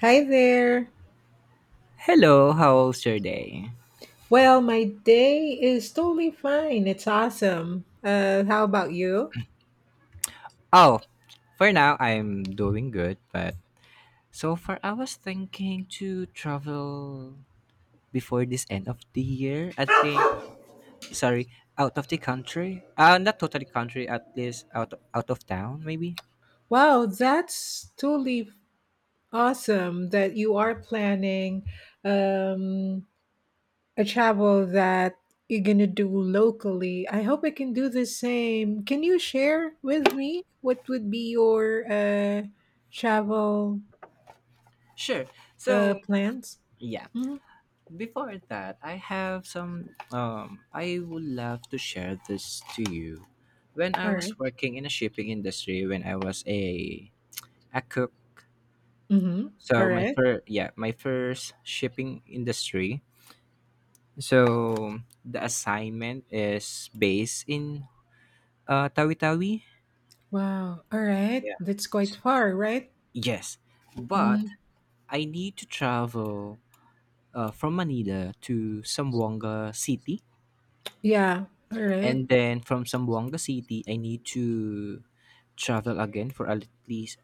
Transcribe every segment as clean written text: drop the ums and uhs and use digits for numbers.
Hi there. Hello, how's your day? Well, my day is totally fine. It's awesome. How about you? Oh, for now I'm doing good, but so far I was thinking to travel before this end of the year. I think, sorry, out of the country. Not totally country, at least out of town, maybe. Wow, that's totally awesome that you are planning um, a travel that you're going to do locally. I hope I can do the same. Can you share with me what would be your travel Sure. So plans? yeah, Mhm. before that I have some. I would love to share this to you. When I All right. was working in a shipping industry, when I was a cook. Mm-hmm. All So my right. first, yeah, my first shipping industry. So the assignment is based in Tawi Tawi. Wow. All right. Yeah. That's quite S- far, right? Yes, but Mm, I need to travel from Manila to Sambuanga City, yeah. All right. and then from Sambuanga City, I need to travel again for at least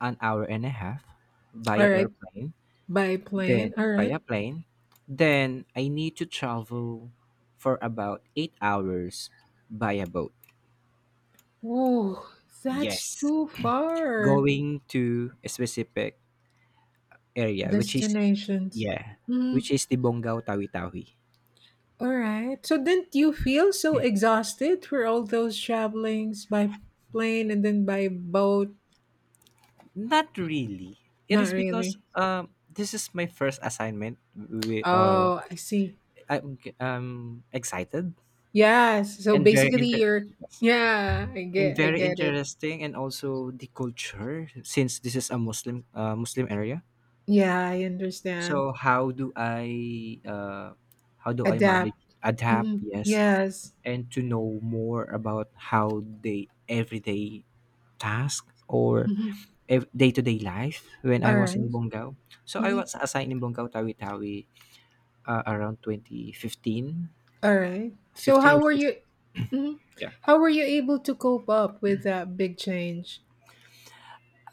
an hour and a half via All right. airplane, By then plane. All by right. a plane. Then I need to travel for about 8 hours by a boat. Oh, that's Yes, too far. going to a specific area, which is, Destinations. yeah, Mm, which is the Bonggao Tawi Tawi. all right. So didn't you feel so exhausted for all those travelings by plane and then by boat? Not really. It Not is because really. This is my first assignment. We, Oh, I see. I'm excited Yes. So and very basically inter you're yeah, I and get I very get it. interesting, and also the culture, since this is a Muslim Muslim area. Yeah, I understand. So how do I manage, Adapt. adapt? Mhm. Yes, Yes. and to know more about how they everyday task, or Mhm. day to day life when I All was in right. Bonggao. So I Mhm. was assigned in Bonggao Tawi Tawi around 2015, All right. So 15 how or were you? 16. Mhm. Yeah. How were you able to cope up with that big change?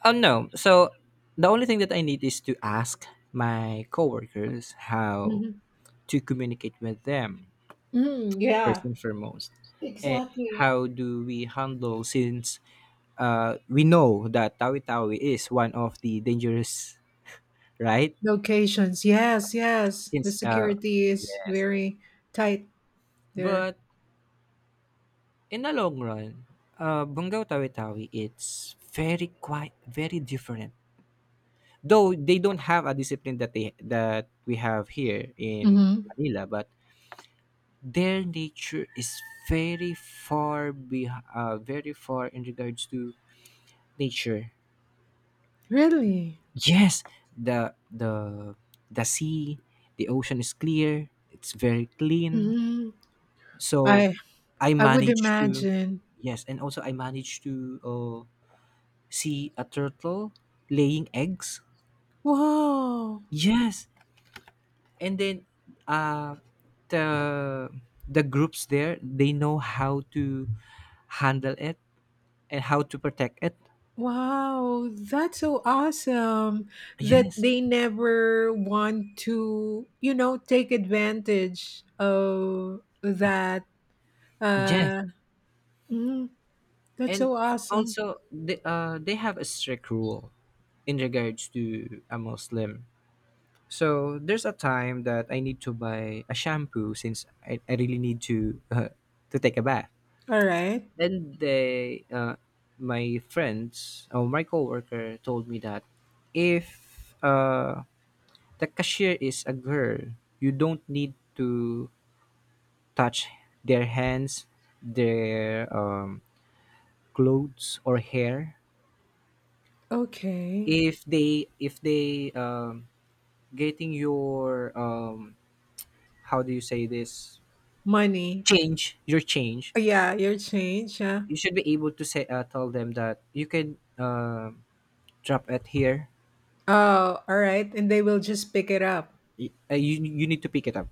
Oh no. So the only thing that I need is to ask my coworkers how Hmm. to communicate with them, Hmm, yeah, first and foremost, and exactly. how do we handle, since we know that Tawi Tawi is one of the dangerous, right? Locations. Yes, yes. The Since security is yes, very tight there. but in the long run, Bungaw Tawi Tawi, it's very, quite very different. Though they don't have a discipline that we have here in Hmm. Manila, but their nature is very far in regards to nature. Really? Yes, the the the sea, the ocean is clear. It's very clean. Hmm. So I I I would managed to, imagine. yes, and also I managed to see a turtle laying eggs. Whoa. Yes, and then uh, the the groups there, they know how to handle it and how to protect it. Wow, that's so awesome that Yes, they never want to, you know, take advantage of that. yes. Uh, mm, that's And so awesome. also they, have a strict rule in regards to a Muslim. So there's a time that I need to buy a shampoo, since I really need to to take a bath. All right. Then they, my friends or my coworker told me that, if the cashier is a girl, you don't need to touch their hands, their clothes or hair. Okay. If they getting your, how do you say this, Money. change, your change, Oh, yeah, your change. Huh? you should be able to say, tell them that you can drop it here. Oh, all right. And they will just pick it up. You need to pick it up.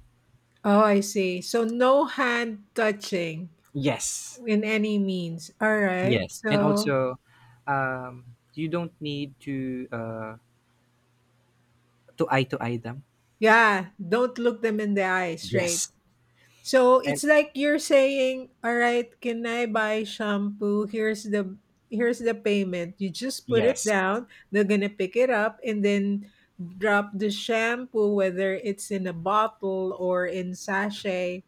Oh, I see. So no hand touching Yes, in any means. All right. yes. And So, also, you don't need to eye them. yeah, don't look them in the eye straight. Yes, So and it's like you're saying, "All right, can I buy shampoo? Here's the payment." You just put it yes, down, they're going to pick it up and then drop the shampoo whether it's in a bottle or in sachet,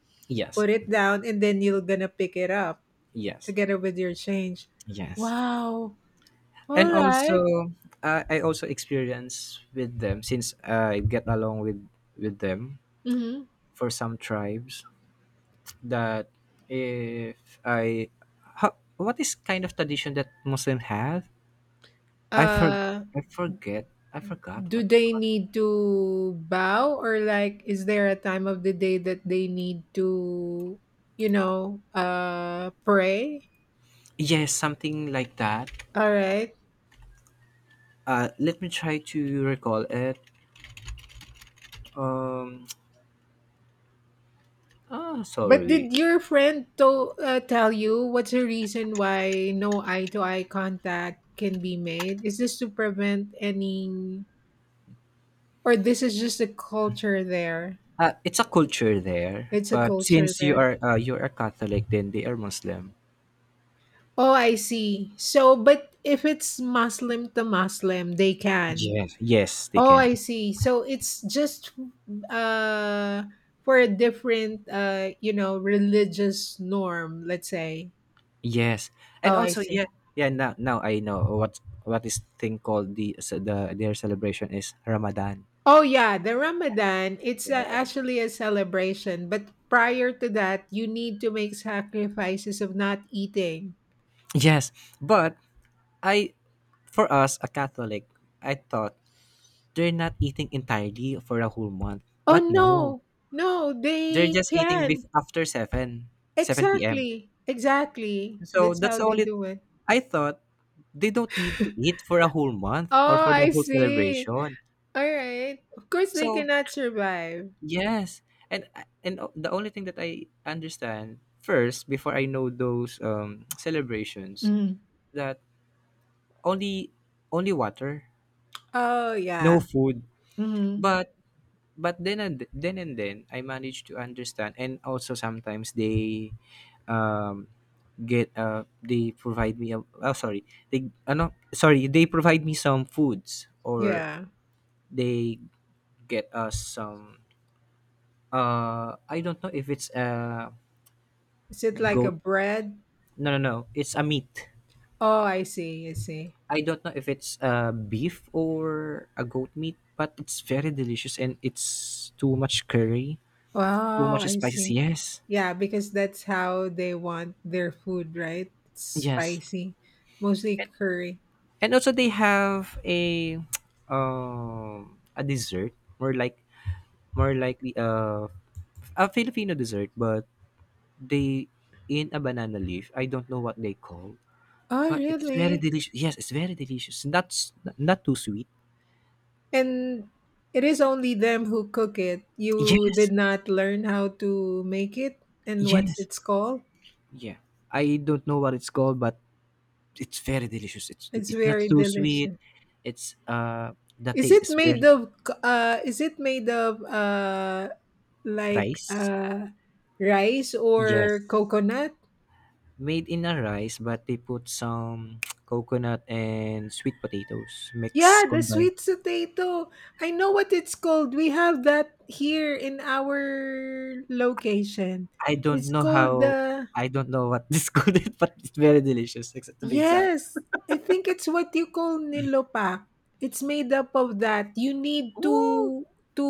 put yes, it down and then you're going to pick it up yes, together with your change. yes. Wow. All And right. also I also experience with them, since I get along with them. Mhm. For some tribes, that if what is kind of tradition that Muslim have. i for Uh, I forgot do what. they What? need to bow or like is there a time of the day that they need to, you know, pray? Yes, something like that. All right. Let me try to recall it. um But did Sorry. your friend tell you what's the reason why no eye to eye contact can be made? Is this to prevent any or this is just a culture there? It's a culture there, It's a but culture since there. You are Catholic, then they are Muslim. Oh, I see. So, but if it's Muslim to Muslim, they can. Yes, yes, they Oh, can. I see. So it's just uh for a different you know religious norm, let's say. Yes, and Oh, I also, see. yeah, yeah. Now, I know what is thing called, the, so the, their celebration is Ramadan. Oh yeah, the Ramadan, it's Yes. actually a celebration, but prior to that, you need to make sacrifices of not eating. Yes, but I, for us a Catholic, I thought they're not eating entirely for a whole month. Oh But no, no. No, they're they just eating can. After seven p.m. Exactly. Exactly. So That's that's how the they only, do it. I thought they don't need to eat for a whole month, or Oh, for the I whole see. celebration. All right. Of course they So, cannot survive. yes, and o the only thing that I understand first, before I know those, celebrations, that only, water, Oh, no yeah. food, Mhm. but but then, and then I managed to understand. And also sometimes they, um, provide me a, oh, sorry, they ano, sorry, they provide me some foods, or Yeah. they get us some, I don't know if it's a Is it like a goat. bread? No, no, no. It's a meat. Oh, I see. I see. I don't know if it's a beef or a goat meat, but it's very delicious, and it's too much curry, too Oh, much I spices. see. Yes, Yeah, because that's how they want their food, right? It's yes. spicy, mostly And, curry. Also they have a a dessert, more like more likely a Filipino dessert, but they, in a banana leaf. I don't know what they call, Oh, but it's very really? delicious. Yes, it's very delicious. Not too sweet. And it is only them who cook it. You Yes, did not learn how to make it and what's yes. it's called? Yeah, I don't know what it's called, but it's very delicious. It's It's it's not very too sweet. delicious. It's, the Is taste it is made very, of is it made of like rice. uh rice or Yes, coconut? made in a rice, but they put some coconut and sweet potatoes, mix Yeah, the combined. sweet potato. I know what it's called. We have that here in our location. I don't It's know called how. the... I don't know what this called it, but it's very delicious. Except to be exact. Yes, I think it's what you call nilopa. It's made up of that. You need Ooh. To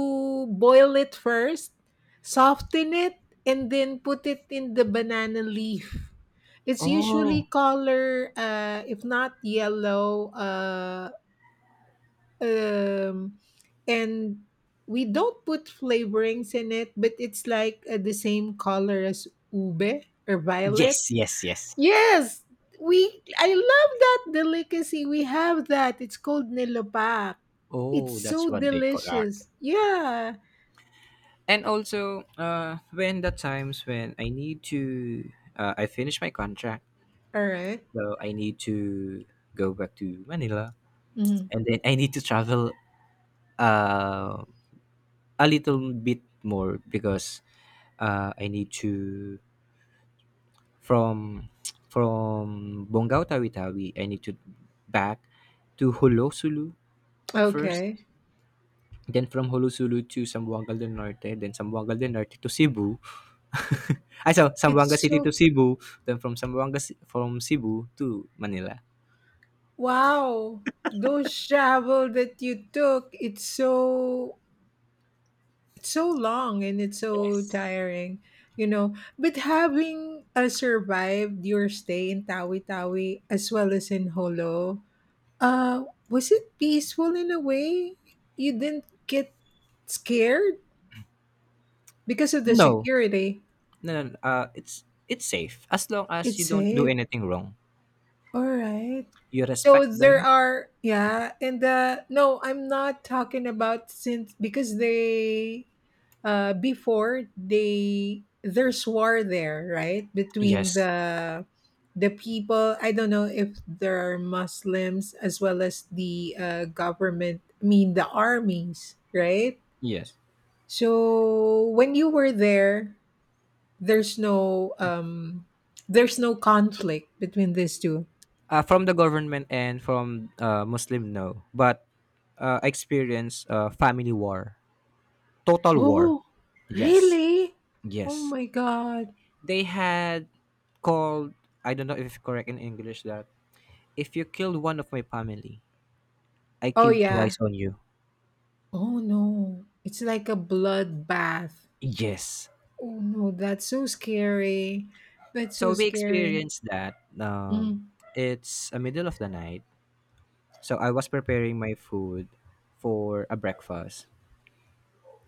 boil it first, soften it, and then put it in the banana leaf. It's usually Oh. color, if not yellow, um, and we don't put flavorings in it, but it's like the same color as ube or violet. Yes. Yes. Yes. Yes, we I love that delicacy. We have that. It's called nilapak. It's Oh, that's so what they call art. delicious. Yeah. And also when the times when I need to, I finish my contract, All right. so I need to go back to Manila. Mhm. And then I need to travel uh, a little bit more, because I need to, from from Bonggao Tawi-Tawi I need to back to Holosulu first, Okay. then from Holosulu to Sambuagal del Norte, then Sambuagal del Norte to Cebu. I saw Zamboanga It's City so to Cebu, then from Cebu to Manila. wow. Those travel that you took, it's so long and it's so tiring, you know. But having survived your stay in Tawi Tawi as well as in Holo, Uh, was it peaceful in a way? You didn't get scared because of the No, security. no, no, no. It's safe as long as It's you don't do safe. anything wrong. All right. You So respect there them. are yeah, and no, I'm not talking about since because they before they there's war there, right? Between Yes, the people, I don't know if there are Muslims as well as the government, I mean the armies, right? yes. So when you were there, there's no um there's no conflict between these two. From the government and from Muslim, no. But experience family war, total war. Oh, Yes, really? Oh yes. my god. They had called. I don't know if it's correct in English, that if you killed one of my family, I Oh killed yeah. twice on you. Oh no. It's like a bloodbath. Yes. Oh no, that's so scary. That's so So we scary. experienced that. Mm. It's a middle of the night. So I was preparing my food for a breakfast,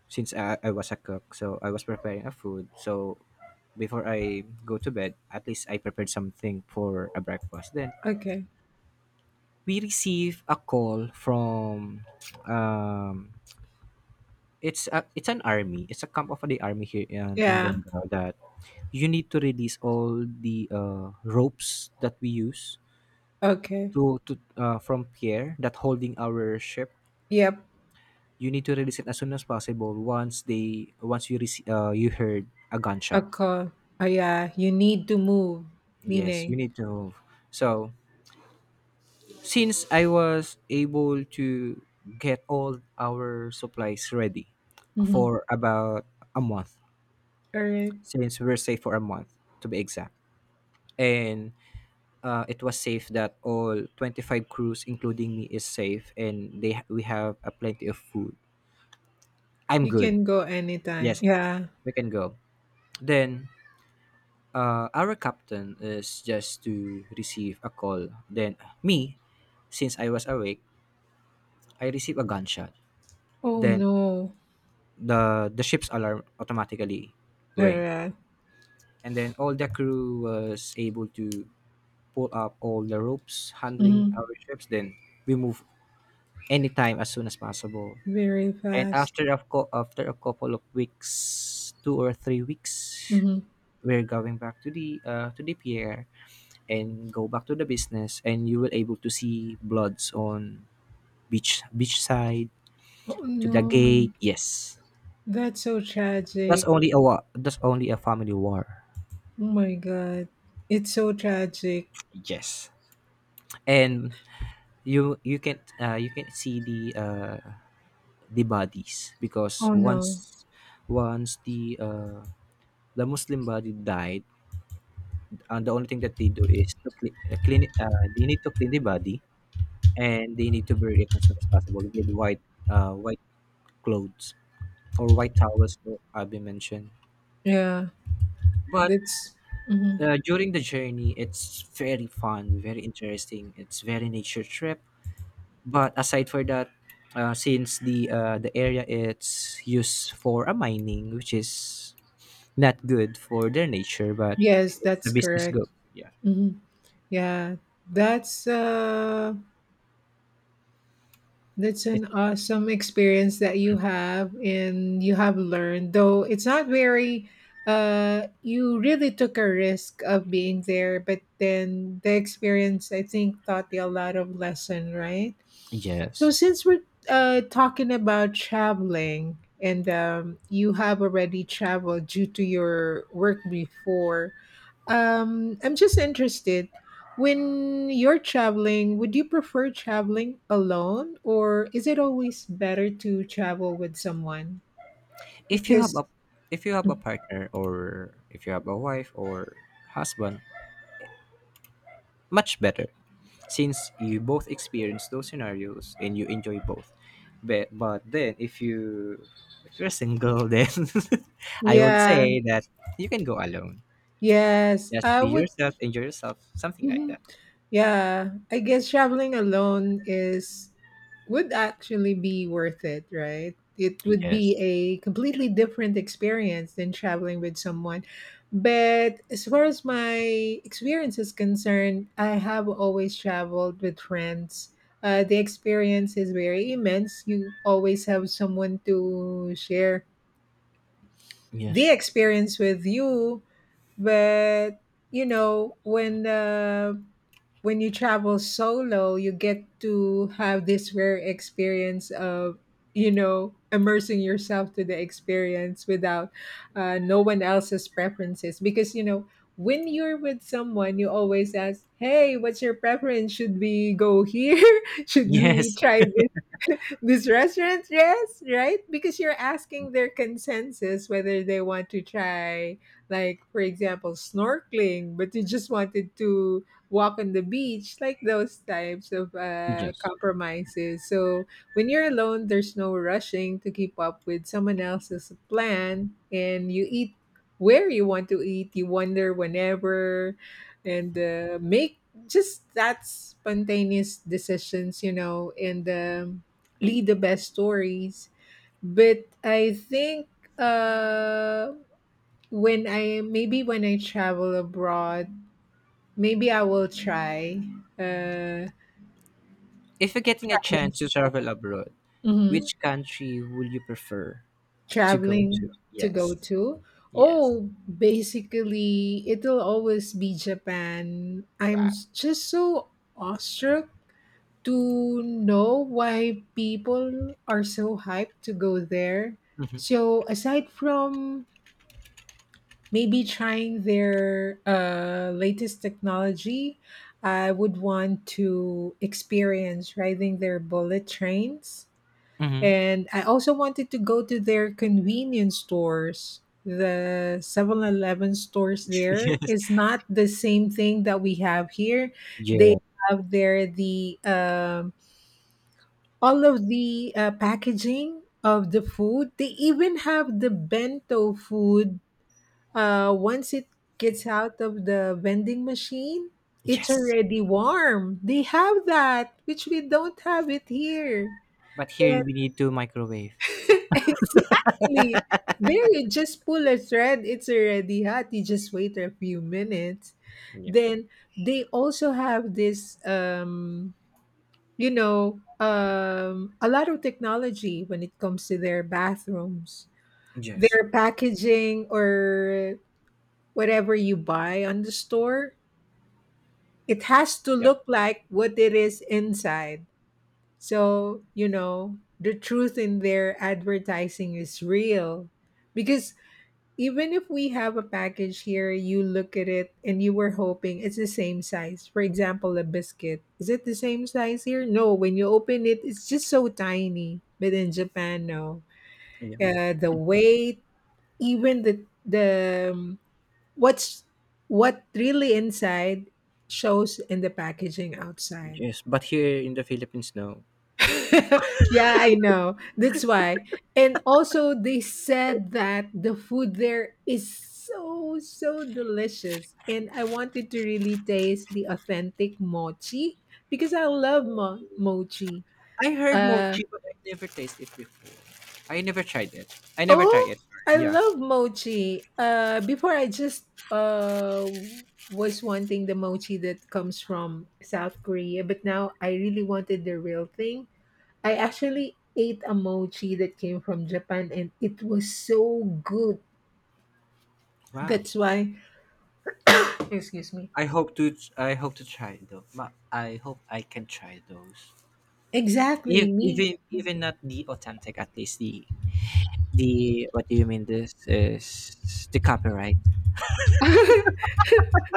since I was a cook. So I was preparing a food. So before I go to bed, at least I prepared something for a breakfast. Then Okay. we receive a call from, um, it's an army. It's a camp of the army here in Yeah. Bonggao, that you need to release all the ropes that we use Okay. To from Pierre that holding our ship. Yep. You need to release it as soon as possible. Once you you heard a gunshot. Okay. Oh yeah, you need to move, Yes, meaning. you need to move. So since I was able to get all our supplies ready Mhm. for about a month, All right. since we're safe for a month to be exact, and it was safe that all 25 crews, including me, is safe, and they we have a plenty of food. I'm You good. can go anytime. Yes, Yeah. we can go. Then our captain is just to receive a call. Then me, since I was awake, I receive a gunshot. Oh Then no. the ship's alarm automatically rang, Alright. and then all the crew was able to pull up all the ropes handling Mhm. our ships. Then we move anytime as soon as possible. Very And fast. After a couple of weeks, 2 or 3 weeks, Mhm. we're going back to the, pier, and go back to the business, and you will able to see bloods on beach side, Oh to the no. gate. Yes, That's so that's tragic. only a war, that's only a family war. Oh my god. It's so tragic. Yes. And you can, you can see the, the bodies, because Oh no. Once the, the Muslim body died, and the only thing that they do is to clean it, they need to clean the body, and they need to bury it as soon as possible with white, uh, white clothes, or White Towers, so Abby mentioned. Yeah. But That's mhm. During the journey, it's very fun, very interesting. It's very nature trip. But aside for that, since the, area it's used for a mining, which is not good for their nature, but Yes, it's a that's business, correct. go. Yeah. Mhm. Yeah. That's uh That's It, an awesome experience that you have and you have learned, though it's not very you really took a risk of being there, but then the experience I think taught you a lot of lesson, right? So yes. since we're uh talking about traveling and you have already traveled due to your work before, I'm just interested. When you're traveling, would you prefer traveling alone or is it always better to travel with someone? If you have Because a if you have a partner, or if you have a wife or husband, much better, since you both experience those scenarios and you enjoy both. But, then, if you if you're single, then I would yeah, say that you can go alone, yes, just I be would yourself, enjoy yourself, something like mhm. that. Yeah, I guess traveling alone is would actually be worth it, right? It would be Yes, a completely different experience than traveling with someone. But as far as my experience is concerned, I have always traveled with friends. The experience is very immense. You always have someone to share the yes. experience with you. But, you know, when you travel solo, you get to have this rare experience of, you know, immersing yourself to the experience without no one else's preferences. Because, you know, when you're with someone, you always ask, hey, what's your preference? Should we go here? Should we Yes, try this restaurant, yes, right? Because you're asking their consensus whether they want to try, like, for example, snorkeling, but you just wanted to walk on the beach, like those types of yes. compromises. So when you're alone, there's no rushing to keep up with someone else's plan, and you eat where you want to eat, you wander whenever, and make just that spontaneous decisions, you know, and lead the best stories. But I think uh, when I maybe when I travel abroad, maybe I will try uh, If you're getting a traveling. chance to travel abroad, Mhm, which country would you prefer to go to? traveling to go Yes, to. yes. Oh, basically, it'll always be Japan. Wow. Just so awestruck to know why people are so hyped to go there. Hmm. So, aside from maybe trying their latest technology. I would want to experience riding their bullet trains. Hmm. And I also wanted to go to their convenience stores. The 7-Eleven stores there Yes, is not the same thing that we have here. They yeah, have there the all of the packaging of the food. They even have the bento food once it gets out of the vending machine, it's yes. already warm. They have that, which we don't have it here. But And here we need to microwave. exactly. There, you just pull a thread, it's already hot. You just wait a few minutes. Yes, Then they also have this, you know, a lot of technology when it comes to their bathrooms. yes. Their packaging or whatever you buy on the store it has to Yeah. look like what it is inside. So, you know, the truth in their advertising is real. Because even if we have a package here, you look at it and you were hoping it's the same size. For example, a biscuit. Is it the same size here? No. When you open it, it's just so tiny. But in Japan, no. Yeah. The weight, even the what's what really inside shows in the packaging outside. Yes, but here in the Philippines, no. Yeah, I know. That's why. And also, they said that the food there is so, so delicious. And I wanted to really taste the authentic mochi because I love mochi. I heard Uh, mochi, but I never tasted it before. I never tried it. I never tried oh, it. I Yeah. love mochi. Before I just was wanting the mochi that comes from South Korea, but now I really wanted the real thing. I actually ate a mochi that came from Japan and it was so good. Wow. That's why, excuse me. I hope to. I hope to try it though. I hope I can try those. Exactly, If, me. even not the authentic, at least the what do you mean? This is the copyright.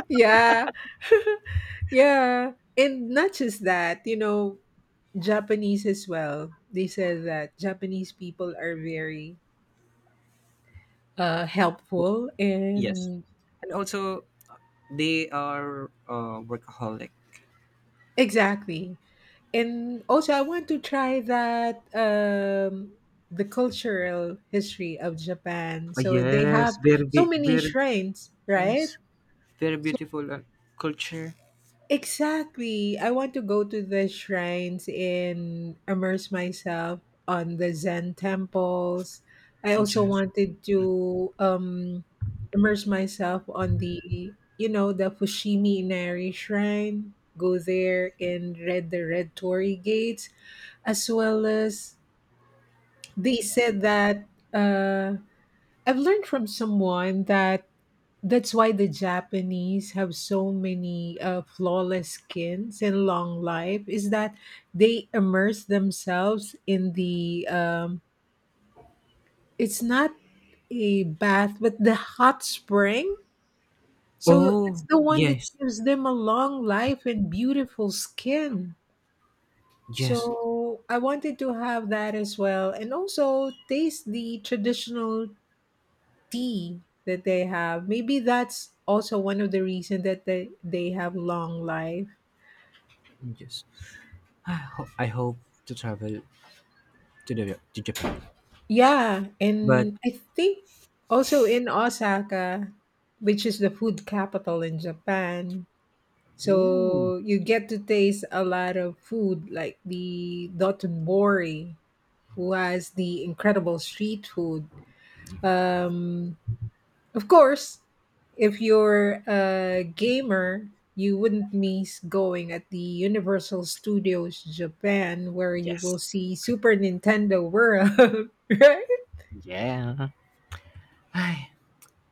Yeah. Yeah. And not just that, you know, Japanese as well. They said that Japanese people are very W- helpful Yes. and And also, they are workaholic. exactly. And also, I want to try that the cultural history of Japan. Oh, So they have yes, very, so many very, shrines, right? yes. Very So beautiful culture. exactly, I want to go to the shrines and immerse myself on the Zen temples. I also Yes. wanted to immerse myself on the you know the Fushimi Inari Shrine. Go there and read the Red Torii Gates as well as they said that uh, I've learned from someone that that's why the Japanese have so many flawless skins and long life is that they immerse themselves in the it's not a bath but the hot spring. So it's Oh the one that yes, gives them a long life and beautiful skin. yes, So I wanted to have that as well, and also taste the traditional tea that they have. Maybe that's also one of the reasons that they have long life. yes. I hope to travel to Japan. Yeah, But and I think also in Osaka, which is the food capital in Japan, ooh, so you get to taste a lot of food like the Dotonbori, who has the incredible street food. Um, Of course, if you're a gamer, you wouldn't miss going at the Universal Studios Japan where you will yes, see Super Nintendo World, right? yeah. I,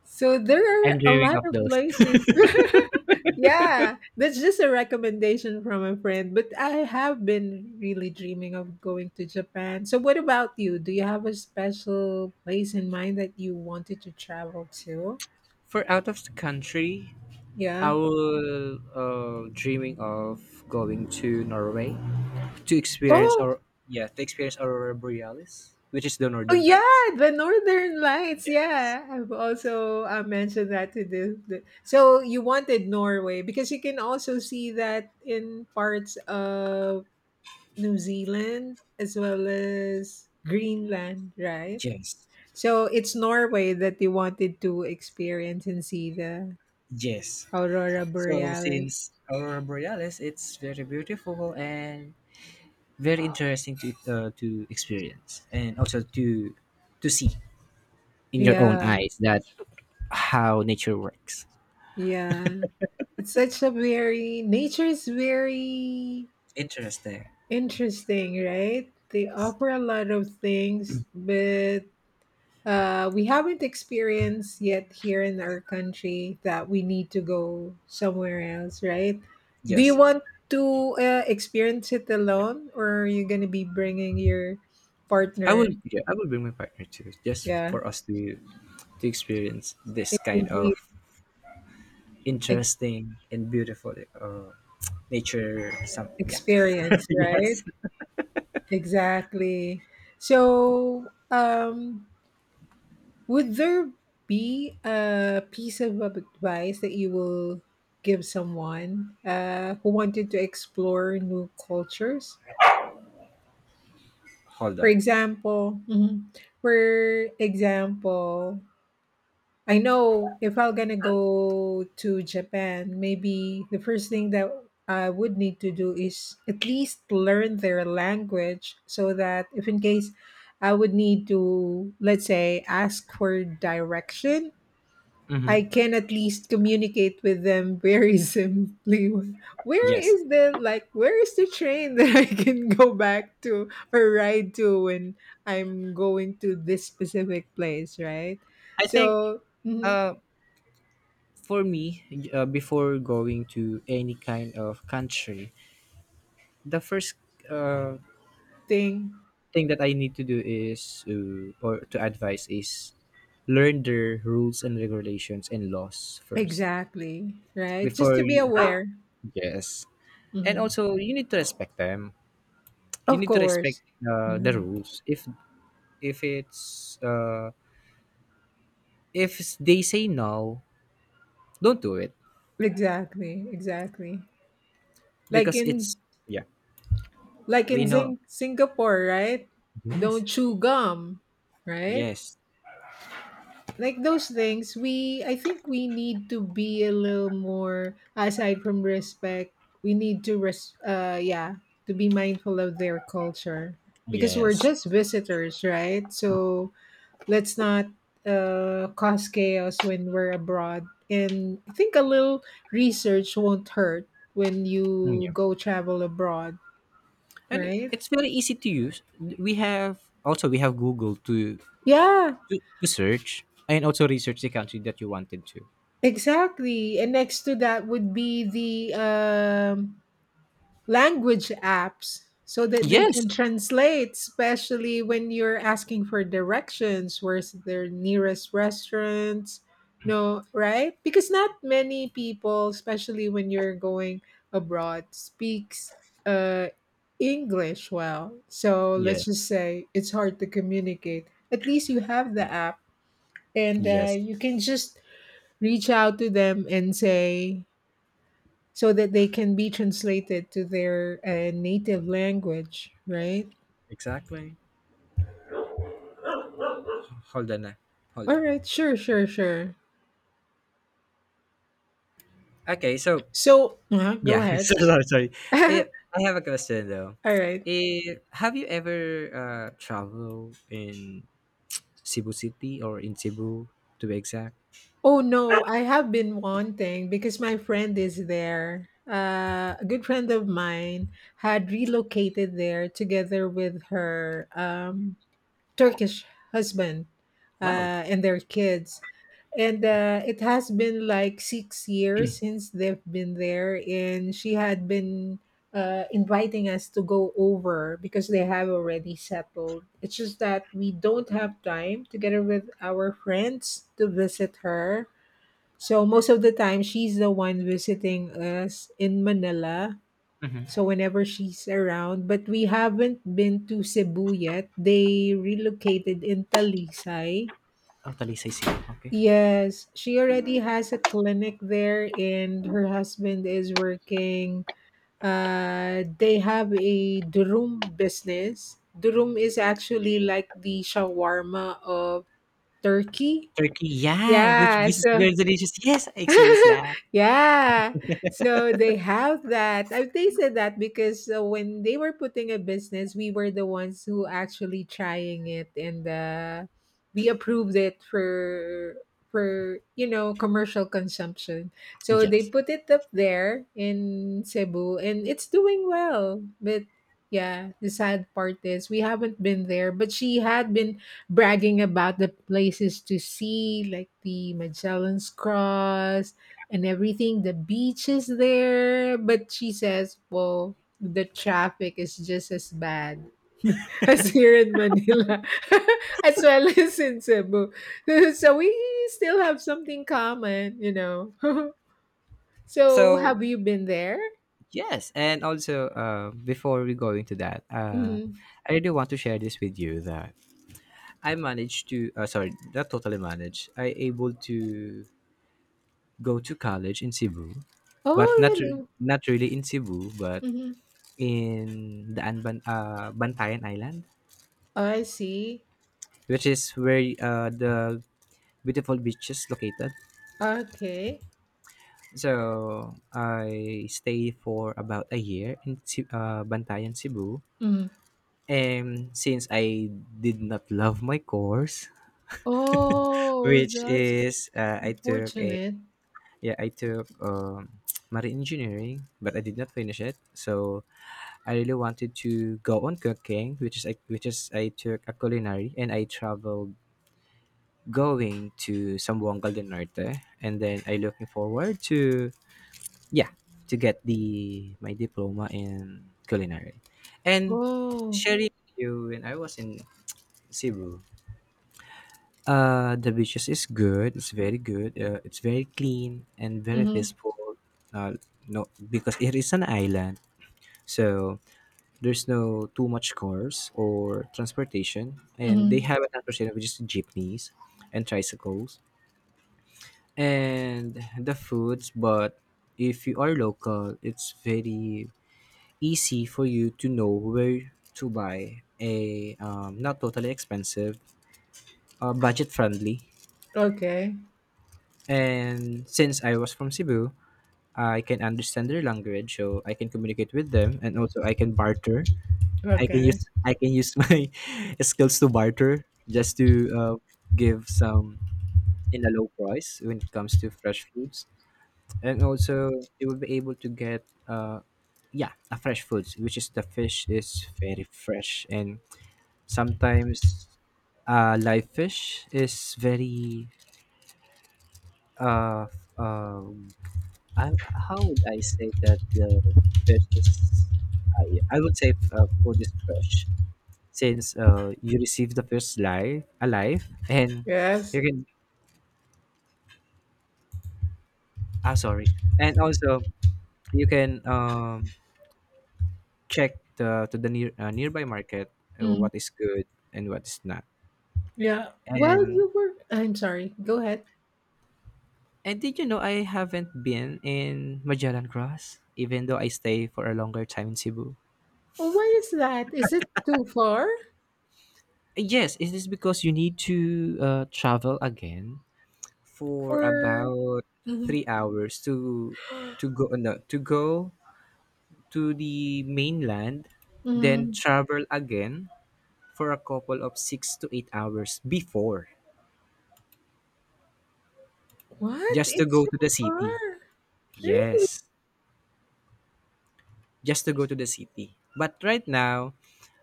So there I'm are a dreaming lot of of those. places. Yeah, that's just a recommendation from a friend, but I have been really dreaming of going to Japan. So what about you? Do you have a special place in mind that you wanted to travel to? For out of the country, Yeah. I will dreaming of going to Norway to experience Oh. our yeah, to experience aurora borealis, which is the Oh northern lights. yeah, the Northern Lights. Yes, Yeah, I've also mentioned that to the. So you wanted Norway because you can also see that in parts of New Zealand as well as Greenland, right? yes, So it's Norway that you wanted to experience and see the yes. aurora So borealis. since Aurora Borealis, it's very beautiful and very interesting to experience, and also to see in your own Yeah, eyes that how nature works. yeah. It's such a very nature is very Interesting. interesting, right? They offer a lot of things, but we haven't experienced yet here in our country that we need to go somewhere else, right? Do you Yes, want to experience it alone, or are you going to be bringing your I partner? would. Yeah, I would bring my partner too, just Yeah, for us to experience this it will kind of be ex- interesting and beautiful nature. Some yeah. experience, right? Yes. Exactly. So, would there be a piece of advice that you will give someone who wanted to explore new cultures? Hold For on. example, mhm. For example, I know if I'm gonna go to Japan, maybe the first thing that I would need to do is at least learn their language so that if in case I would need to, let's say, ask for direction I Hmm. can at least communicate with them very simply. Where Yes, is the like where is the train that I can go back to or ride to when I'm going to this specific place, right? I think. So mhm, Uh, for me, before going to any kind of country, the first, uh, thing thing that I need to do is, or to advise is, learn their rules and regulations and laws first exactly, right? Just before to be you. aware. Yes. And Mhm. also, you need to respect them. You Of need to respect, course. The Mhm. rules. If it's, if they say no, don't do it, Exactly, exactly. Like because in it's yeah. like We in know. Singapore, right? Don't Yes, chew gum, right? yes, Like those things, we I think we need to be a little more aside from respect, we need to yeah, to be mindful of their culture because we're yes. just visitors, right? So let's not cause chaos when we're abroad, and I think a little research won't hurt when Mm, you yeah. go travel abroad, And right? it's very easy to use. We have, also we have google, to Yeah, to, to search and also research the country that you wanted to. exactly, and next to that would be the language apps so that they Yes, can translate, especially when you're asking for directions, where's their nearest restaurants, no, right? Because not many people, especially when you're going abroad, speaks uh, English well. So let's yes, just say it's hard to communicate. At least you have the app, and yes. you can just reach out to them and say, so that they can be translated to their native language, right? Exactly. Hold on, ah. Hold All on. right, sure, sure, sure. Okay, so So, go yeah. ahead. So, sorry, sorry. All Eh, I have a question though. right. Have you ever traveled in Cebu City or in Cebu, to be exact? Oh no, I have been wanting because my friend is there. A good friend of mine had relocated there together with her Turkish husband Wow. And their kids. And it has been like 6 years since they've been there, and she had been inviting us to go over because they have already settled. It's just that we don't have time together with our friends to visit her. So most of the time, she's the one visiting us in Manila. Mm-hmm. So whenever she's around, but we haven't been to Cebu yet. They relocated in Talisay. Totally say Cebu, okay. Yes, she already has a clinic there, and her husband is working. They have a durum business. Durum is actually like the shawarma of Turkey. Turkey, yeah, which Yeah, which is very so delicious. Yes, I experienced that. yeah. So they have that. I have tasted that because when they were putting a business, we were the ones who actually trying it and we approved it for you know commercial consumption. So they Yes. put it up there in Cebu and it's doing well. But yeah, the sad part is we haven't been there, but she had been bragging about the places to see, like the Magellan's Cross and everything, the beaches there. But she says, well, the traffic is just as bad as here in Manila, as well as in Cebu. So we still have something common, you know. So So have you been there? yes, and also, before we go into that, Hmm. I really want to share this with you that I managed to, sorry, not totally managed. I able to go to college in Cebu, but Oh, really? not really in Cebu, but Hmm. in the Anban Bantayan Island, I see. which is where the beautiful beach is located. Okay. So I stay for about a year in Bantayan, Cebu. Mhm. And since I did not love my course, Oh, which that's is, I took a unfortunate. yeah, I took, marine engineering, but I did not finish it. So I really wanted to go on cooking, which is I took a culinary, and I traveled going to Sambuanga del Norte, and then I looking forward to, yeah, to get the my diploma in culinary, and Oh. sharing with you when I was in Cebu. The beaches is good. It's very good. It's very clean and very Mhm. peaceful. Uh, no, because it is an island, so there's no too much cars or transportation, and they Mhm. have a transportation which is jeepneys and tricycles and the foods. But if you are local, it's very easy for you to know where to buy a, not totally expensive, budget friendly. Okay. And since I was from Cebu, I can understand their language, so I can communicate with them, and also I can barter. I can Okay. use I can use my skills to barter just to, uh, give some in a low price when it comes to fresh foods, and also you will be able to get, yeah, a fresh foods, which is the fish is very fresh, and sometimes live fish is very, uh, uh how would I say that the fish is? I would say food is fresh since you receive the fish live alive, and Yes. you can, sorry, and also you can check the to the near nearby market, Mm. what is good and what is not. Yeah. Well, And you were. I'm sorry. Go ahead. and did you know I haven't been in Magellan Cross even though I stay for a longer time in Cebu. Well, why is that? Is it too far Yes, is this because you need to, travel again for for? about Mhm. 3 hours to go, no, to go to the mainland, then Mhm. travel again for a couple of 6 to 8 hours before What? just to It's go so to the far. city. Really? Yes, just to go to the city. But right now,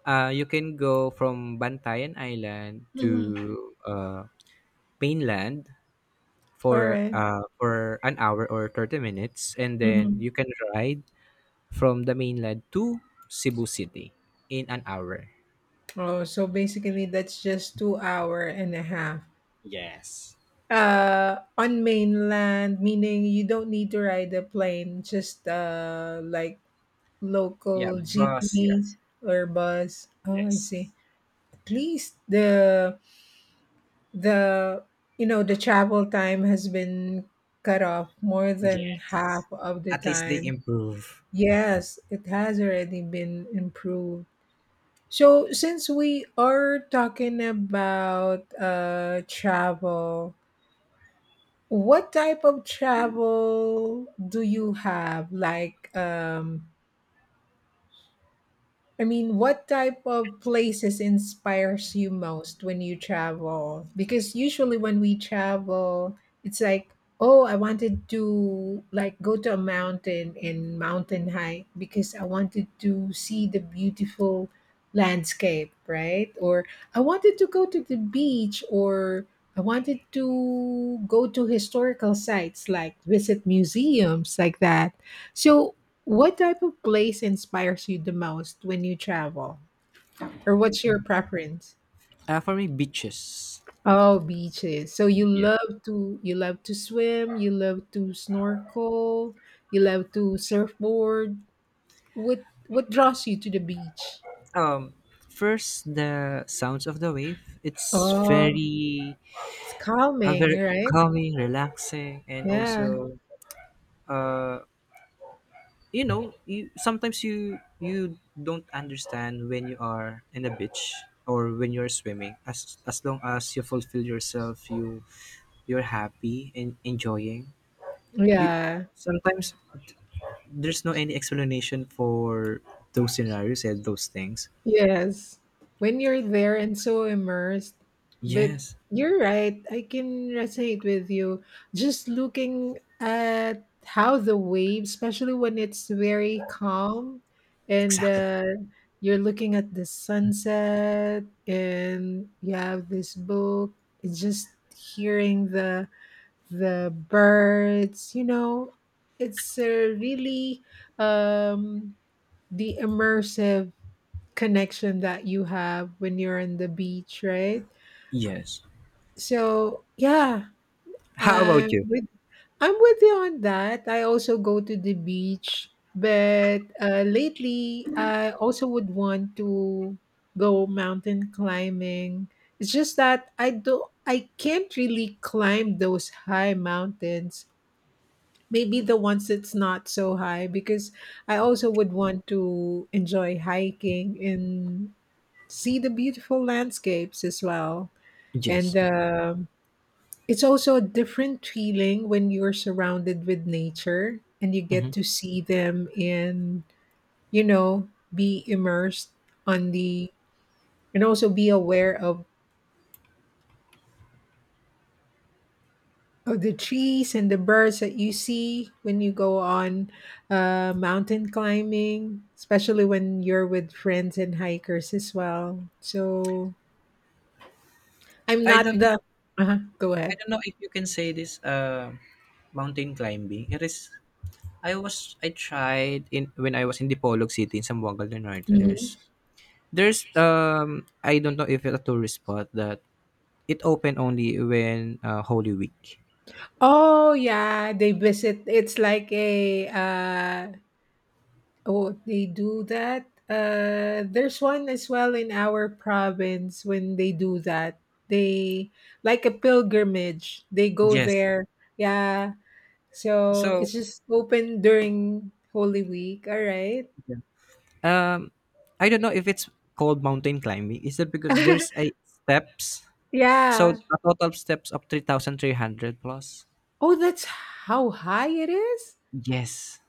you can go from Bantayan Island Mhm. to mainland All for right. uh, for an hour or 30 minutes, and then Mhm. you can ride from the mainland to Cebu City in an hour. Oh, so basically, that's just 2 hour and a half. Yes. On mainland, meaning you don't need to ride a plane. Just like Yeah, local bus. Yeah. jeepneys or bus. Oh, I Yes. see. At least the you know the travel time has been cut off more than half Yes. of the At least they time. improve. Yes, it has already been improved. So since we are talking about travel, what type of travel do you have? Like I mean, what type of places inspires you most when you travel? Because usually when we travel, it's like, oh, I wanted to like go to a mountain and mountain hike because I wanted to see the beautiful landscape, right? Or I wanted to go to the beach or I wanted to go to historical sites like visit museums like that. So, what type of place inspires you the most when you travel? Or what's your preference? For me, beaches. Oh, beaches. So Yeah. You love to swim, you love to snorkel, you love to surfboard. What draws you to the beach? Um, first, the sounds of the wave. It's Oh, very, it's calming, very right? calming, relaxing, and Yeah. also, uh, you, sometimes you don't understand when you are in a beach or when you're swimming, as long as you fulfill yourself, you, you're happy and enjoying. You, Yeah. sometimes there's no any explanation for those scenarios and those things. Yes. When you're there and so immersed, but Yes, you're right. I can resonate with you. Just looking at how the waves, especially when it's very calm and exactly. You're looking at the sunset and you have this book, and just hearing the birds, you know, it's really um the immersive connection that you have when you're on the beach, right? Yes, So yeah, how about I'm you? with I'm with you on that. I also go to the beach, but lately I also would want to go mountain climbing. It's just that I do I can't really climb those high mountains. Maybe the ones that's not so high because I also would want to enjoy hiking in see the beautiful landscapes as well. And Yes. It's also a different feeling when you're surrounded with nature and you Hmm. get to see them and, you know, be immersed on the, and also be aware of the trees and the birds that you see when you go on mountain climbing, especially when you're with friends and hikers as well. So I'm i not don't know the, go i ahead. don't know if you can say this, mountain climbing it is. I tried in when I was in Dipolog City in Zamboanga Linares. Is Mm-hmm. there's, I don't know if it's a tourist spot, that it open only when, Holy Week. Oh yeah, they visit. It's like a oh they do that. There's one as well in our province when they do that. They like a pilgrimage. They go Yes. there. Yeah. So So, it's just open during Holy Week. All right. um I don't know if it's called mountain climbing. Is that because there's a steps? Yeah. So a total steps of 3,300 plus. Oh, that's how high it is? Yes.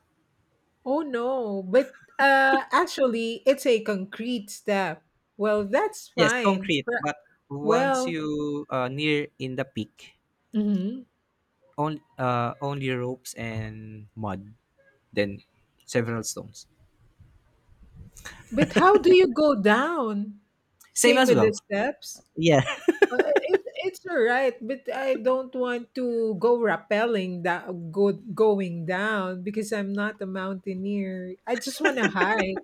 Oh no. But actually it's a concrete step. Well, that's Yes, fine. concrete. But once Well, you, near in the peak, mhm. Only ropes and mud, then several stones. But how do you go down? Same Same as with the well. steps? Yeah. Uh, it's all right, but I don't want to go rappelling that go going down because I'm not a mountaineer. I just want to hike.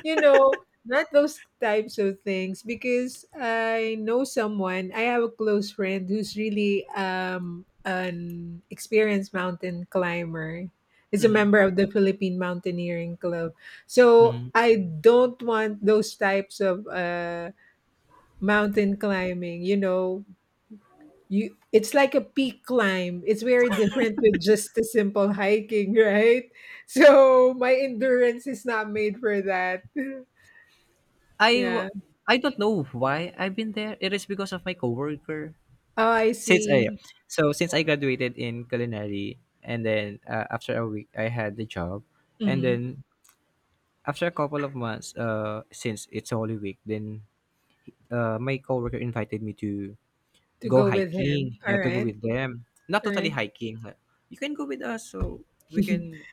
You know, not those types of things because I know someone, I have a close friend who's really an experienced mountain climber. Is a Mm-hmm. member of the Philippine Mountaineering Club. So Mhm. I don't want those types of mountain climbing, you know, you it's like a peak climb. It's very different with just a simple hiking, right? So my endurance is not made for that. I w- Yeah. I don't know why I've been there. It is because of my coworker. Oh, I Since I see. so since I graduated in culinary, and then, after a week I had the job, and Hmm. then after a couple of months, since it's Holy Week, then, my coworker invited me to To go go with hiking. him. You All have to go right. with them. Not All totally right. hiking. Like, you can go with us, so we can.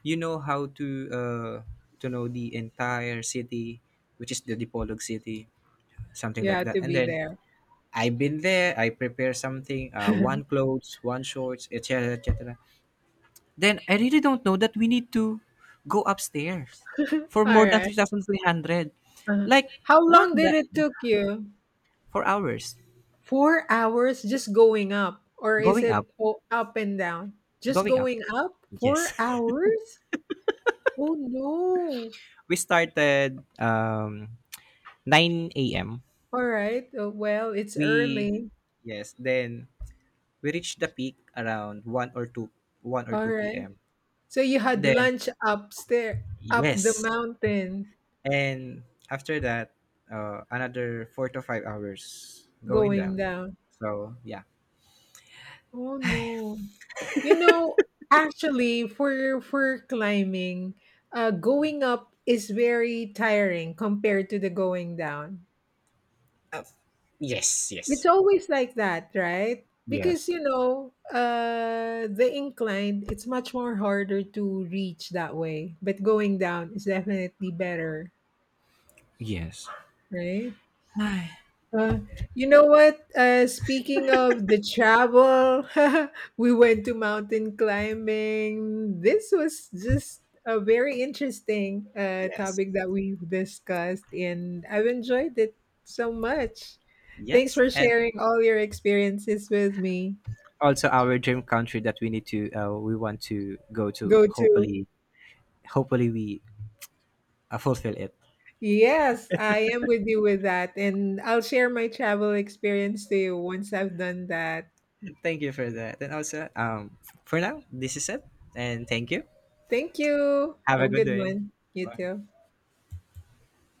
You know how uh, to know the entire city, which is the Dipolog city, something You like have to that. And be then there. I've been there. I prepare something. One clothes, one shorts, etc., etc. Then I really don't know that we need to go upstairs All for more than right. 3,300. Uh-huh. Like How what long did the it took you? for hours 4 hours just going up, or is going up, it up and down? Just going up. going up? Four Yes. hours? Oh no! We started 9 a.m. All right. Well, it's We early. yes, then we reached the peak around 1 or 2, 1 or All 2 right. p.m. So you had Then lunch upstairs, up the yes. mountain, And after that, another 4 to 5 hours going going down. down. So, yeah. Oh no. You know, actually for climbing, going up is very tiring compared to the going down. Uh, yes, It's yes. always like that, right? Because Yes. you know, the incline, it's much more harder to reach that way, but going down is definitely better, Yes. right? Ay. Uh, you know what? Speaking of the travel, we went to mountain climbing. This was just a very interesting Yes. topic that we've discussed, and I've enjoyed it so much. Thanks Yes. for And sharing all your experiences with me. also our dream country that we want to go to, Go to. hopefully hopefully we fulfill it. Yes, I am with you with that. And I'll share my travel experience to you once I've done that. Thank you for that. And also, for now, this is it. And thank you. Thank you. Have Have a a good good day. one. You Bye. too.